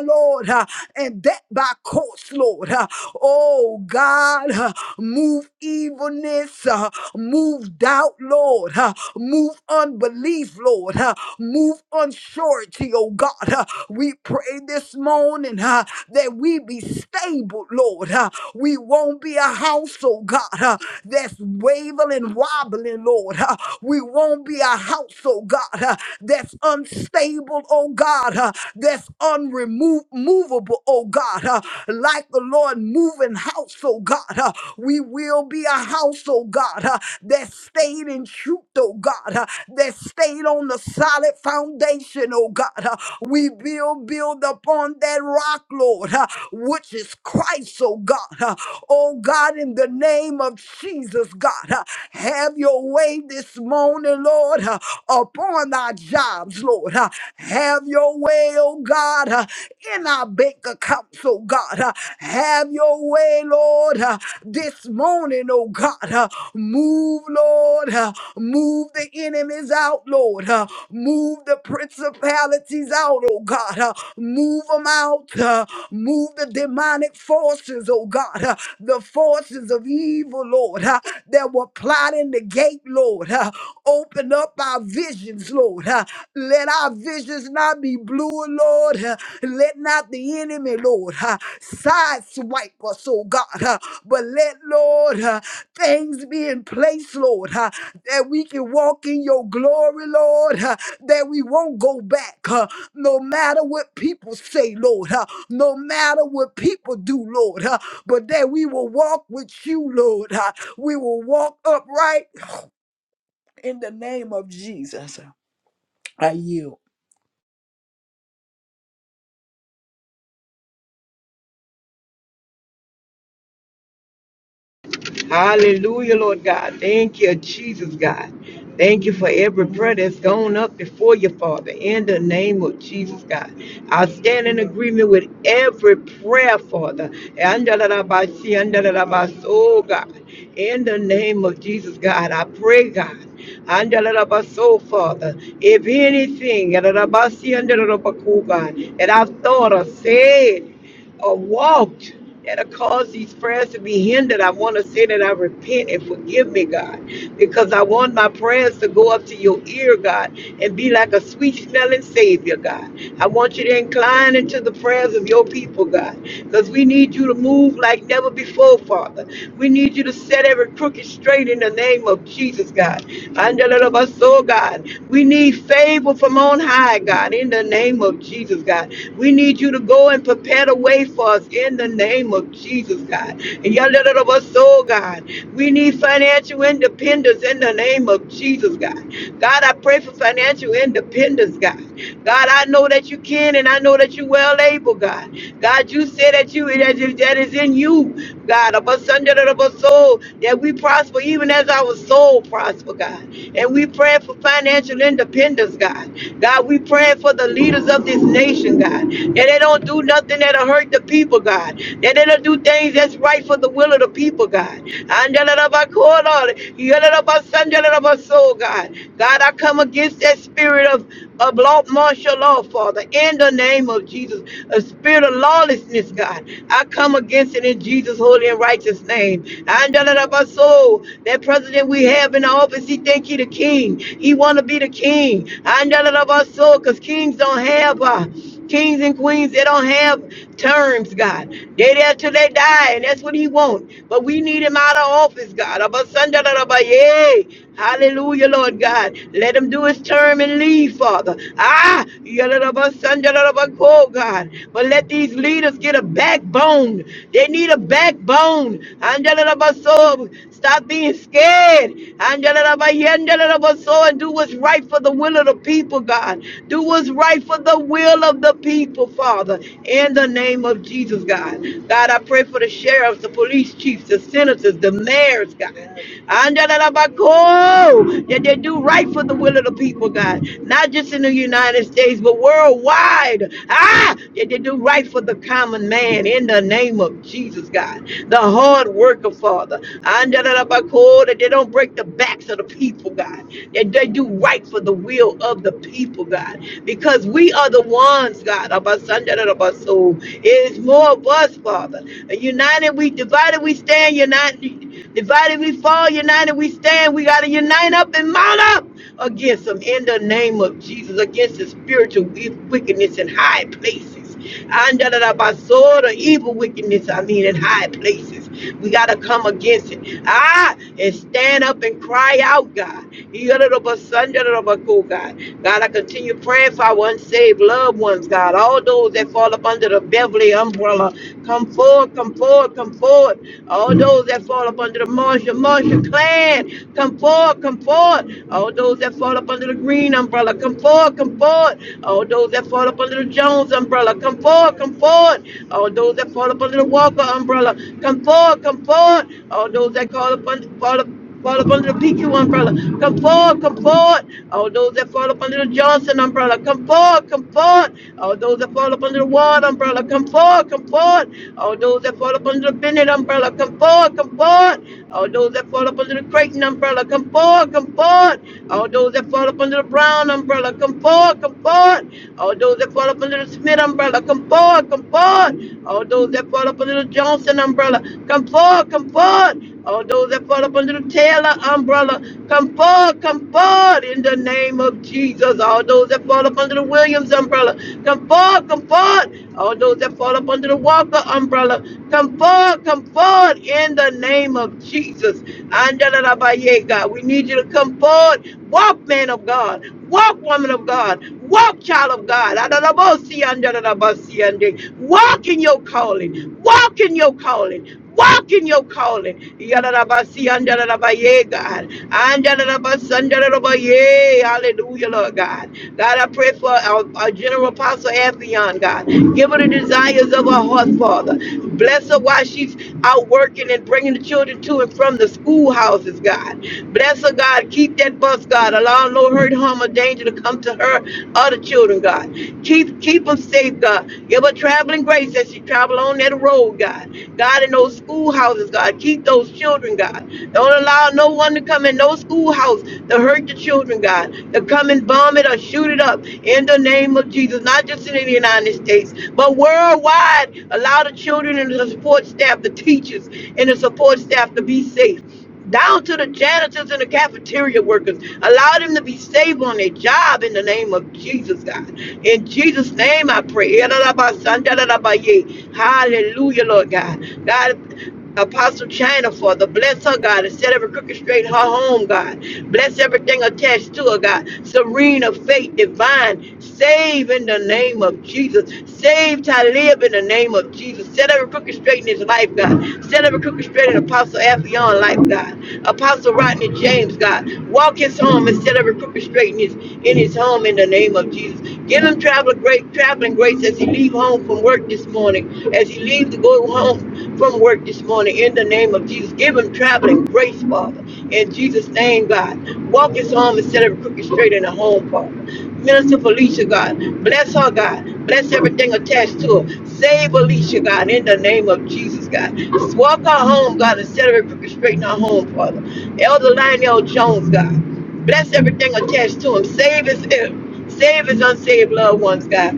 Speaker 2: Lord, uh, and that by course, Lord. uh, oh God, uh, move evilness, uh, move doubt, Lord, uh, move unbelief, Lord, uh, move unsurety, oh God. uh, we pray this morning uh, that we be stable, Lord. uh, we won't be a house, oh God, uh, that's wavering and wobbling, Lord. uh, we won't be a house house, oh God, uh, that's unstable, oh God, uh, that's unremovable, oh God. uh, Like the Lord moving house, oh God, uh, we will be a house, oh God, uh, that stayed in truth, oh God, uh, that stayed on the solid foundation, oh God. uh, We will build upon that rock, Lord, uh, which is Christ, oh God. uh, Oh God, in the name of Jesus, God, uh, have your way this this morning, Lord, uh, upon our jobs, Lord. uh, Have your way, oh God, uh, in our bank accounts, oh God. uh, Have your way, Lord, uh, this morning, oh God. uh, Move, Lord. uh, Move the enemies out, Lord. uh, Move the principalities out, oh God. uh, Move them out. uh, Move the demonic forces, oh God. uh, The forces of evil, Lord, uh, that were plotting right in the gate, Lord. <laughs> Uh, open up our visions, Lord. <laughs> Uh, let our visions not be blue, Lord. <laughs> Uh, let not the enemy, Lord, <laughs> uh, sideswipe us, oh God. <laughs> Uh, but let, Lord, <laughs> uh, things be in place, Lord, <laughs> uh, that we can walk in your glory, Lord, <laughs> uh, that we won't go back, <laughs> uh, no matter what people say, Lord, <laughs> uh, no matter what people do, Lord, <laughs> uh, but that we will walk with you, Lord. <laughs> We will walk upright in the name of Jesus. I yield.
Speaker 3: Hallelujah, Lord God. Thank you, Jesus, God. Thank you for every prayer that's gone up before you, Father, in the name of Jesus, God. I stand in agreement with every prayer, Father. Andalabasi, andalabaso, Oh, God. In the name of Jesus, God, I pray, God. Andalabaso, Father. If anything, andalabasi, andalabaku, God, that I've thought or said, or walked that have caused these prayers to be hindered. I want to say that I repent and forgive me, God, because I want my prayers to go up to your ear, God, and be like a sweet smelling Savior, God. I want you to incline into the prayers of your people, God, because we need you to move like never before, Father. We need you to set every crooked straight in the name of Jesus, God. Under the love of our soul, God. We need favor from on high high, God, in the name of Jesus, God. We need you to go and prepare the way for us in the name of Jesus, God. And your little of us, soul, God. We need financial independence in the name of Jesus, God. God, I pray for financial independence, God. God, I know that you can and I know that you well able, God. God, you said that you that is, that is in you, God, of us under the of us soul, that we prosper even as our soul soul prosper, God. And we pray for financial independence, God. God, we pray for the leaders of this nation, God. That they don't do nothing that'll hurt the people, God. That they don't do things that's right for the will of the people, God. Andalabakola, yalabasandalabaso, God, God, I come against that spirit of, of law, martial law, Father, in the name of Jesus. A spirit of lawlessness, God. I come against it in Jesus. Jesus' holy and righteous name. And da- da- da- ba- so, that president we have in the office, he think he the king. He want to be the king. And da- da- da- ba- so, because kings don't have uh, kings and queens, they don't have terms, God. They there till they die, and that's what he want. But we need him out of office, God. Abba, son, da- da- da- ba- yay. Hallelujah, Lord God. Let him do his term and leave, Father. Ah, yada- da- ba- son, da- da- da- ba- but Oh God. But let these leaders get a backbone. They need a backbone. Angela Basso, stop being scared. Angela Basso, and do what's right for the will of the people, God. Do what's right for the will of the people, Father. In the name of Jesus, God. God, I pray for the sheriffs, the police chiefs, the senators, the mayors, God. Angela Basso, that they do right for the for the will of the people, God, not just in the United States, but worldwide. Ah, that they do right for the common man in the name of Jesus, God, the hard worker, Father. And da- cool, That they don't break the backs of the people, God, that they do right for the will of the people, God, because we are the ones, God, of our son, da- da- da- soul. It is more of us, Father. United we divided we stand, united. Divided we fall, united we stand. We got to unite up and mount up against them in the name of Jesus, against the spiritual wickedness in high places. Under the basura, evil wickedness, I mean, in high places. We got to come against it. Ah, and stand up and cry out, God. Yada da ba sun, da da da ba go, God, God, I continue praying for our unsaved loved ones, God. All those that fall up under the Beverly umbrella. Come forward, come forward, come forward. All those that fall up under the Marshall, Marshall clan, come forward, come forward. All those that fall up under the Green umbrella, come forward, come forward. All those that fall up under the Jones umbrella, come forward, come forward. All those that fall up under the Walker umbrella, come forward, come forward. All those that call up under, fall up. Fall up under the PQ umbrella. Come forward, come forward. All those that fall up under the Johnson umbrella, come forward, come forward. All those that fall up under the Ward umbrella, come forward, come forward. All those that fall up under the Bennett umbrella, come forward, come forward. All those that fall up under the Creighton umbrella, come forward, come forward. All those that fall up under the Brown umbrella, come forward, come forward. All those that fall up under the Smith umbrella, come forward, come forward. All those that fall up under the Johnson Johnson umbrella. Come forward, come forward. All those that fall up under the Taylor umbrella, come forward, come forward in the name of Jesus. All those that fall up under the Williams umbrella, come forward, come forward. All those that fall up under the Walker umbrella, come forward, come forward in the name of Jesus. Andalabaye, God, we need you to come forward. Walk, man of God. Walk, woman of God. Walk, child of God. Adalabosi, andalabasi, ande. Walk in your calling. Walk in your calling. Walk in your calling. Yadalabasi, andalabaye, God. Andalabasi, andalabaye. Hey, hallelujah, Lord God. God, I pray for our, our General Apostle Afion, God. Give her the desires of her heart, Father. Bless her while she's out working and bringing the children to and from the schoolhouses, God. Bless her, God. Keep that bus, God. Allow no hurt, harm, or danger to come to her or the children, God. Keep keep them safe, God. Give her traveling grace as she travel on that road, God. God, in those schoolhouses, God, keep those children, God. Don't allow no one to come in no schoolhouse to hurt the children, God, to come and bomb it or shoot it up in the name of Jesus, not just in the United States, but worldwide. Allow the children and the support staff, the teachers and the support staff to be safe down to the janitors and the cafeteria workers. Allow them to be safe on their job in the name of Jesus, God. In Jesus' name I pray. Hallelujah, Lord God. God, Apostle China, Father, bless her, God, and set every crooked straight her home, God. Bless everything attached to her, God. serene of faith, divine, save in the name name of Jesus. Save Talib in the name of Jesus. Set every crooked straight in his life, God. Set every crooked straight in Apostle Afion life, God. Apostle Rodney James, God. Walk his home and set every crooked straight in his in his home in the name of Jesus. Give him traveling great, traveling grace as he leave home from work this morning, as he leaves to go home from work this morning in the name of Jesus. Give him traveling grace grace, Father. In Jesus' name, God. Walk us home instead of crooked straight in the home, Father. Minister Felicia, God. Bless her, God. Bless everything attached to her. Save Alicia, God, in the name of Jesus, God. Just walk her home, God, instead of crooked straight in her home, Father. Elder Lionel Jones, God. Bless everything attached to him. Save his, save his unsaved loved ones, God.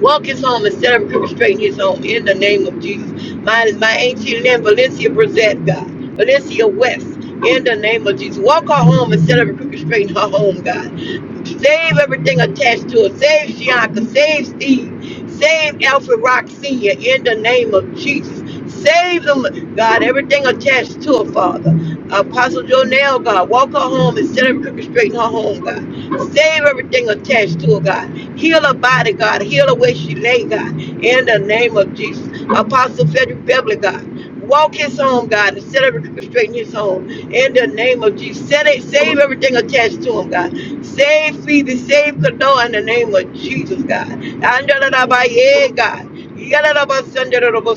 Speaker 3: Walk his home instead of perpetrating his home in the name of Jesus. My, my ancient name, Valencia Brissett, God. Valencia West, in the name of Jesus. Walk her home instead of perpetrating her home, God. Save everything attached to her. Save Shianka. Save Steve. Save Alfred Rock Sr. in the name of Jesus. Save them, God, everything attached to her, Father. Apostle Jonelle, God, walk her home and set her crooked straight in her home, God. Save everything attached to her, God. Heal her body, God. Heal her where she lay, God. In the name of Jesus. Apostle Frederick Beverly, God. Walk his home, God, and set everything straight in his home. In the name of Jesus, set it, save everything attached to him, God. Save Phoebe, save Canoa in the name of Jesus, God. Andalabaye, God. Yalalabasandarabo,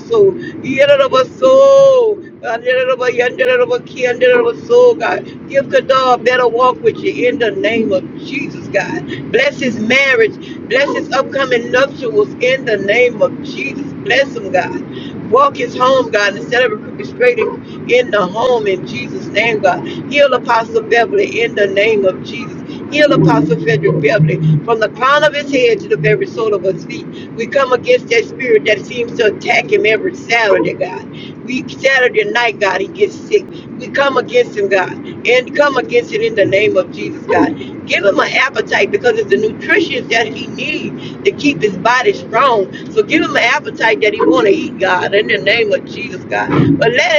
Speaker 3: yalalabaso, andarabo, yandarabo, kiandaraboso, God. Give Kadar a better walk with you in the name of Jesus, God. Bless his marriage. Bless his upcoming nuptials in the name of Jesus. Bless him, God. Walk his home, God, instead of orchestrating in the home in Jesus' name, God. Heal Apostle Beverly in the name of Jesus. Heal Apostle Frederick Beverly from the crown of his head to the very sole of his feet. We come against that spirit that seems to attack him every Saturday, God. We Saturday night, God, he gets sick. We come against him, God, and come against it in the name of Jesus, God. Give him an appetite because it's the nutrition that he needs to keep his body strong. So give him an appetite that he want to eat, God, in the name of Jesus, God. But let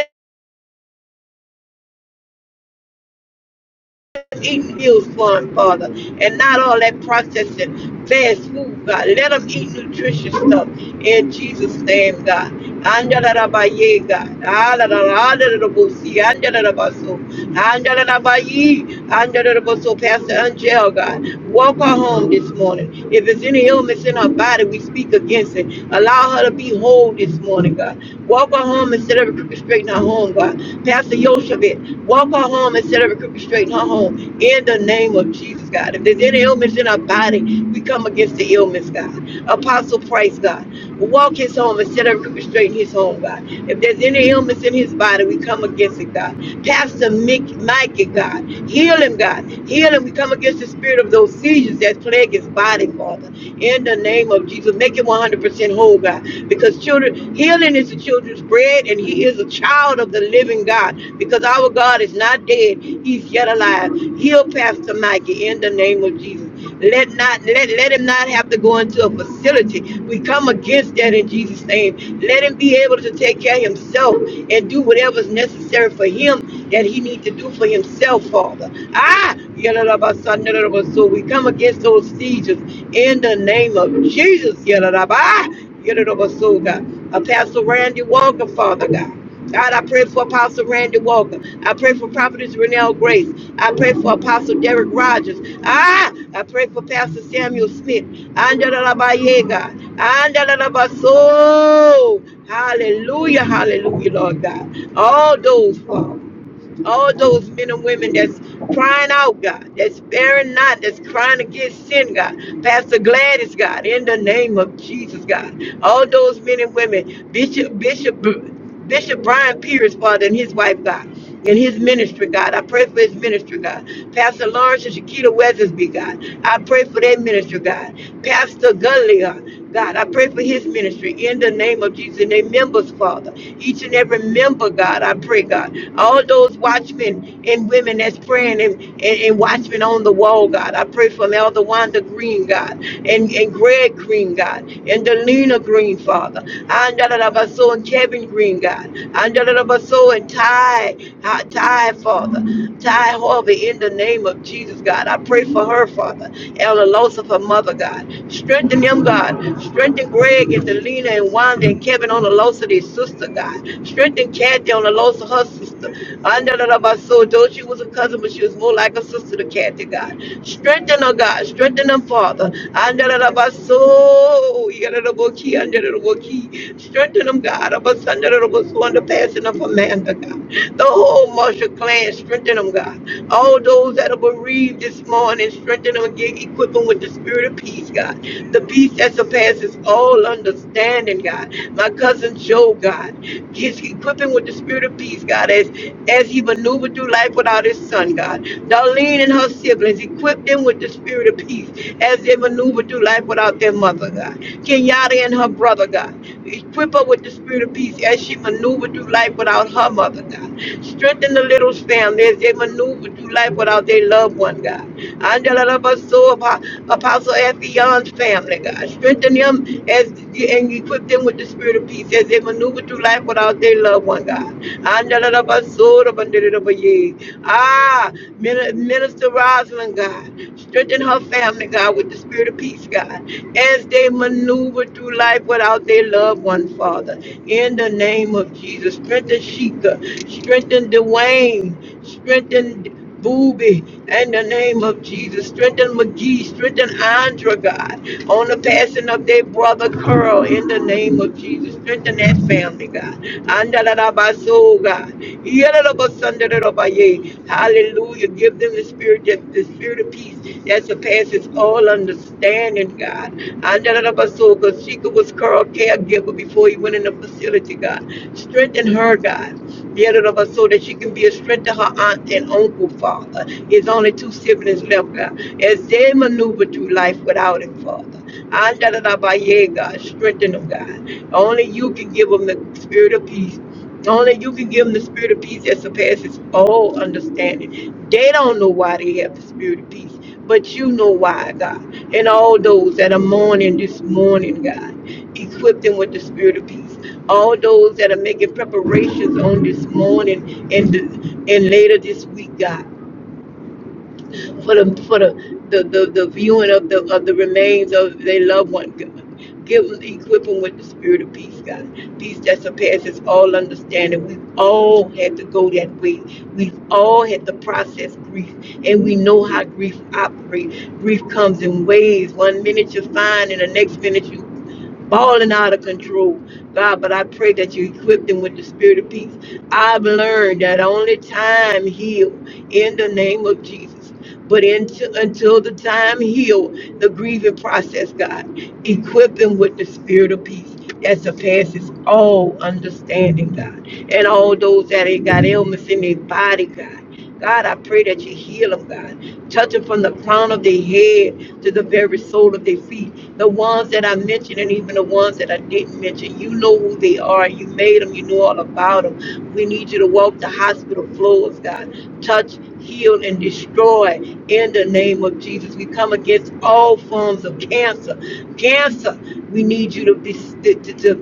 Speaker 3: eat meals for them, Father, and not all that processing fast food, God. Let them eat nutritious stuff in Jesus' name, God. Andalarabaye, God. Alalalalalalabusi, andalarabaso, andalarabaye, andalarabaso. Pastor Angel, God, walk her home this morning. If there's any illness in her body, we speak against it. Allow her to be whole this morning, God. Walk her home instead of reconstructing her home, God. Pastor Yoshevit, walk her home instead of reconstructing her home. In the name of Jesus, God. If there's any ailments in our body, we come against the ailments, God. Apostle Price, God. Walk his home instead of reconstructing his home, God. If there's any ailments in his body, we come against it, God. Pastor Mick, Mikey, God. Heal him, God. Heal him. We come against the spirit of those seizures that plague his his body, Father. In the name of Jesus, make him 100% whole, God. Because children, healing is the children's bread, and he is a child of the living God. Because our God is not dead, he's yet alive. Heal Pastor Mikey in the name of Jesus. Let not let, let him not have to go into a facility. We come against that in Jesus' name. Let him be able to take care of himself and do whatever's necessary for him that he need to do for himself, Father. Ah, yadadabasanadadaba. so we come against those seizures in the name of Jesus. yadadaba. Ah, yadadaba. So God, Apostle Randy Walker, Father God. God, I pray for Apostle Randy Walker. I pray for Prophetess Renelle Grace. I pray for Apostle Derek Rogers. Ah, I pray for Pastor Samuel Smith. Andalalabaye, God. Andalalabaso. Hallelujah, hallelujah, Lord God. All those, Father all those men and women that's crying out, God, that's bearing not, that's crying against sin, God. Pastor Gladys, God, in the name of Jesus, God. All those men and women, Bishop, Bishop, Bishop Brian Pierce, Father, and his wife, God. And his ministry, God. I pray for his ministry, God. Pastor Lawrence and Shakita Weathersby, God. I pray for their ministry, God. Pastor Gunley, God. God, I pray for his ministry in the name of Jesus and their members, Father. Each and every member, God, I pray, God. All those watchmen and women that's praying and, and, and watchmen on the wall, God. I pray for Elder Wanda Green, God, and, and Greg Green, God, and Delina Green, Father. Andalabaso and Kevin Green, God. Andalabaso and Ty, uh, Ty, Father. Ty Harvey, in the name of Jesus, God. I pray for her, Father. Ella Losa, her mother, God. Strengthen them, God. Strengthen Greg and Delina and Wanda and Kevin on the loss of their sister, God. Strengthen Kathy on the loss of her sister. I know that about so though she was a cousin, but she was more like a sister to Kathy, God. Strengthen her, God. Strengthen them, Father. I know that about so yeah, that about key, I know that about key. Strengthen them, God. About Sunday, that about so under passing of Amanda, God. The whole Marshall clan, strengthen them, God all those that are bereaved this morning, strengthen them again, equip them with the spirit spirit of peace, God. The peace that surpasses all understanding, God. My cousin Joe, God, he's equipping with the spirit of peace, God, as, as he maneuvered through life without his son, God. Darlene and her siblings, equip them with the spirit of peace as they maneuver through life without their mother, God. Kenyatta and her brother, God. Equip her with the spirit of peace as she maneuvered through life without her mother, God. Strengthen the little family as they maneuver through life without their loved one, God. Andalabaso Apostle, Apo- Apostle Athion's family, God. Strengthen them as and equip them with the spirit of peace as they maneuver through life without their loved one, God. Ah, Minister Rosalind, God. Strengthen her family, God, with the spirit of peace, God, as they maneuver through life without their loved one, Father. In the name of Jesus, strengthen Sheikah, strengthen Dwayne, strengthen. Booby, in the name of Jesus. Strengthen McGee, strengthen Andra, God, on the passing of their brother Curl, in the name of Jesus. Strengthen that family, God. Andalabaso, God. Yalabasandalabaye. Hallelujah. Give them the spirit, that the spirit of peace that surpasses all understanding, God. Andalabaso, because Chica was Curl caregiver before he went in the facility, God. Strengthen her, God. Yalabasandalabaso, that she can be a strength to her aunt and uncle, Father. His only two siblings left, God, as they maneuver through life without him, Father. Andalabaye, God, strengthen them, God. Only you can give them the spirit of peace. Only you can give them the spirit of peace that surpasses all understanding. They don't know why they have the spirit of peace, but you know why, God. And all those that are mourning this morning, God, equip them with the spirit of peace. All those that are making preparations on this morning and, and later this week, God for the for the the, the, the viewing of the of the remains of their loved one. Give them, equip them with the spirit of peace, God. Peace that surpasses all understanding. We've all had to go that way. We've all had to process grief, and we know how grief operates. Grief comes in waves. One minute you're fine, and the next minute you balling out of control, God. But I pray that you equip them with the spirit of peace. I've learned that only time heal in the name of Jesus. But until, until the time heal, the grieving process, God, equip them with the spirit of peace that surpasses all understanding, God. And all those that ain't got ailments in their body, God. God, I pray that you heal them, God. Touch them from the crown of their head to the very sole of their feet. The ones that I mentioned and even the ones that I didn't mention, you know who they are. You made them. You know all about them. We need you to walk the hospital floors, God. Touch, heal, and destroy in the name of Jesus. We come against all forms of cancer. Cancer, we need you to be to, to, to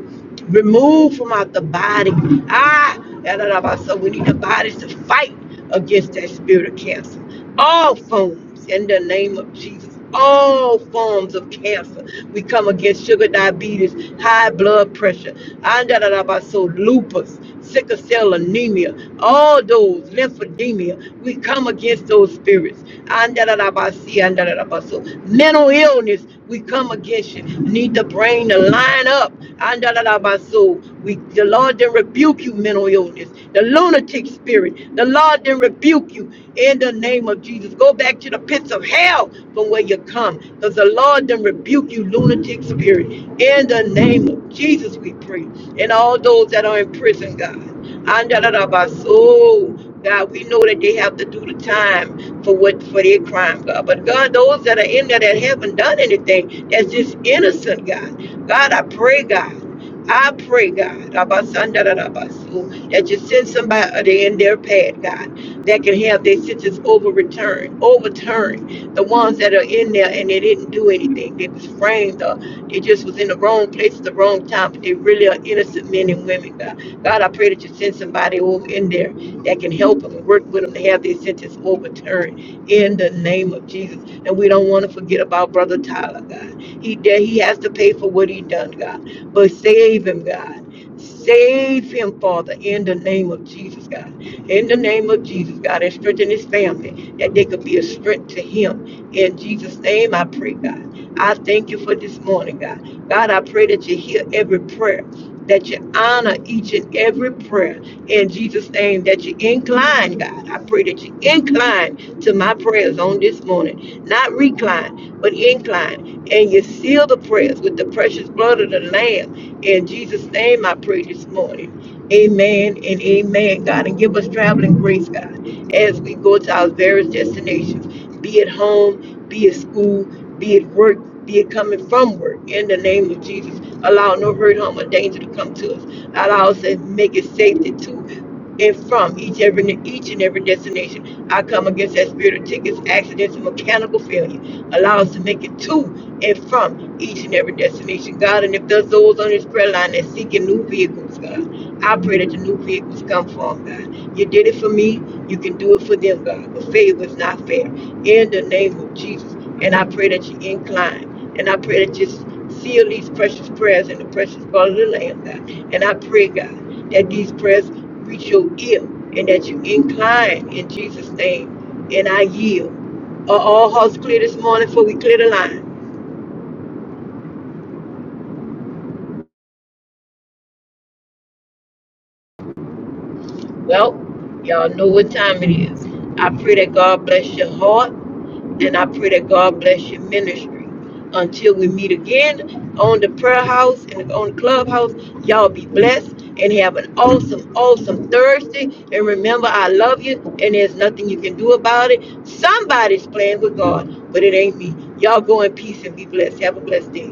Speaker 3: remove from out the body. Ah, da, da, da, da. so we need the bodies to fight against that spirit of cancer. All forms, in the name of Jesus, all forms of cancer. We come against sugar diabetes, high blood pressure, andadadabaso, lupus, sickle cell anemia, all those, lymphedemia. We come against those spirits. Andadadabasi, andadadabaso. Mental illness, we come against you. You Need the brain to line up. Andalabaso. We the Lord didn't rebuke you, mental illness, the lunatic spirit. The Lord didn't rebuke you in the name of Jesus. Go back to the pits of hell from where you come. Because the Lord didn't rebuke you, lunatic spirit. In the name of Jesus, we pray. And all those that are in prison, God. And da- da- da- ba- so God, we know that they have to do the time for what for their crime, God. But God, those that are in there that haven't done anything, that's just innocent, God. God, I pray, God. I pray, God, about son, da- da- da- ba- so, that you send somebody uh, they in their path, God, that can have their sentences overturned, overturned. The ones that are in there and they didn't do anything, they was framed or they just was in the wrong place at the wrong time, but they really are innocent men and women, God. God, I pray that you send somebody over in there that can help them and work with them to have their sentence overturned in the name of Jesus. And we don't want to forget about Brother Tyler, God. He did, he has to pay for what he done, God. But save him, God. Save him, Father, in the name of Jesus, God. In the name of Jesus, God, and strengthen his family that they could be a strength to him. In Jesus' name, I pray, God. I thank you for this morning, God. God, I pray that you hear every prayer that you honor each and every prayer in Jesus' name, that you incline, God. I pray that you incline to my prayers on this morning, not recline, but incline. And you seal the prayers with the precious blood of the Lamb. In Jesus' name, I pray this morning. Amen and amen, God. And give us traveling grace, God, as we go to our various destinations, be at home, be at school, be it work, be it coming from work, in the name of Jesus. Allow no hurt, harm, or danger to come to us. Allow us to make it safety to and from each every each and every destination. I come against that spirit of tickets, accidents, and mechanical failure. Allow us to make it to and from each and every destination, God. And if there's those on this prayer line that seeking new vehicles, God, I pray that the new vehicles come for them, God. You did it for me, you can do it for them, God. But favor is not fair in the name of Jesus. And I pray that you incline. And I pray that you seal these precious prayers in the precious blood of the Lamb, God. And I pray, God, that these prayers reach your ear and that you incline in Jesus' name. And I yield. Are all hearts clear this morning before we clear the line? Well, y'all know what time it is. I pray that God bless your heart and I pray that God bless your ministry. Until we meet again on the prayer house and on the clubhouse, y'all be blessed and have an awesome, awesome Thursday. And remember, I love you and there's nothing you can do about it. Somebody's playing with God, but it ain't me. Y'all go in peace and be blessed. Have a blessed day.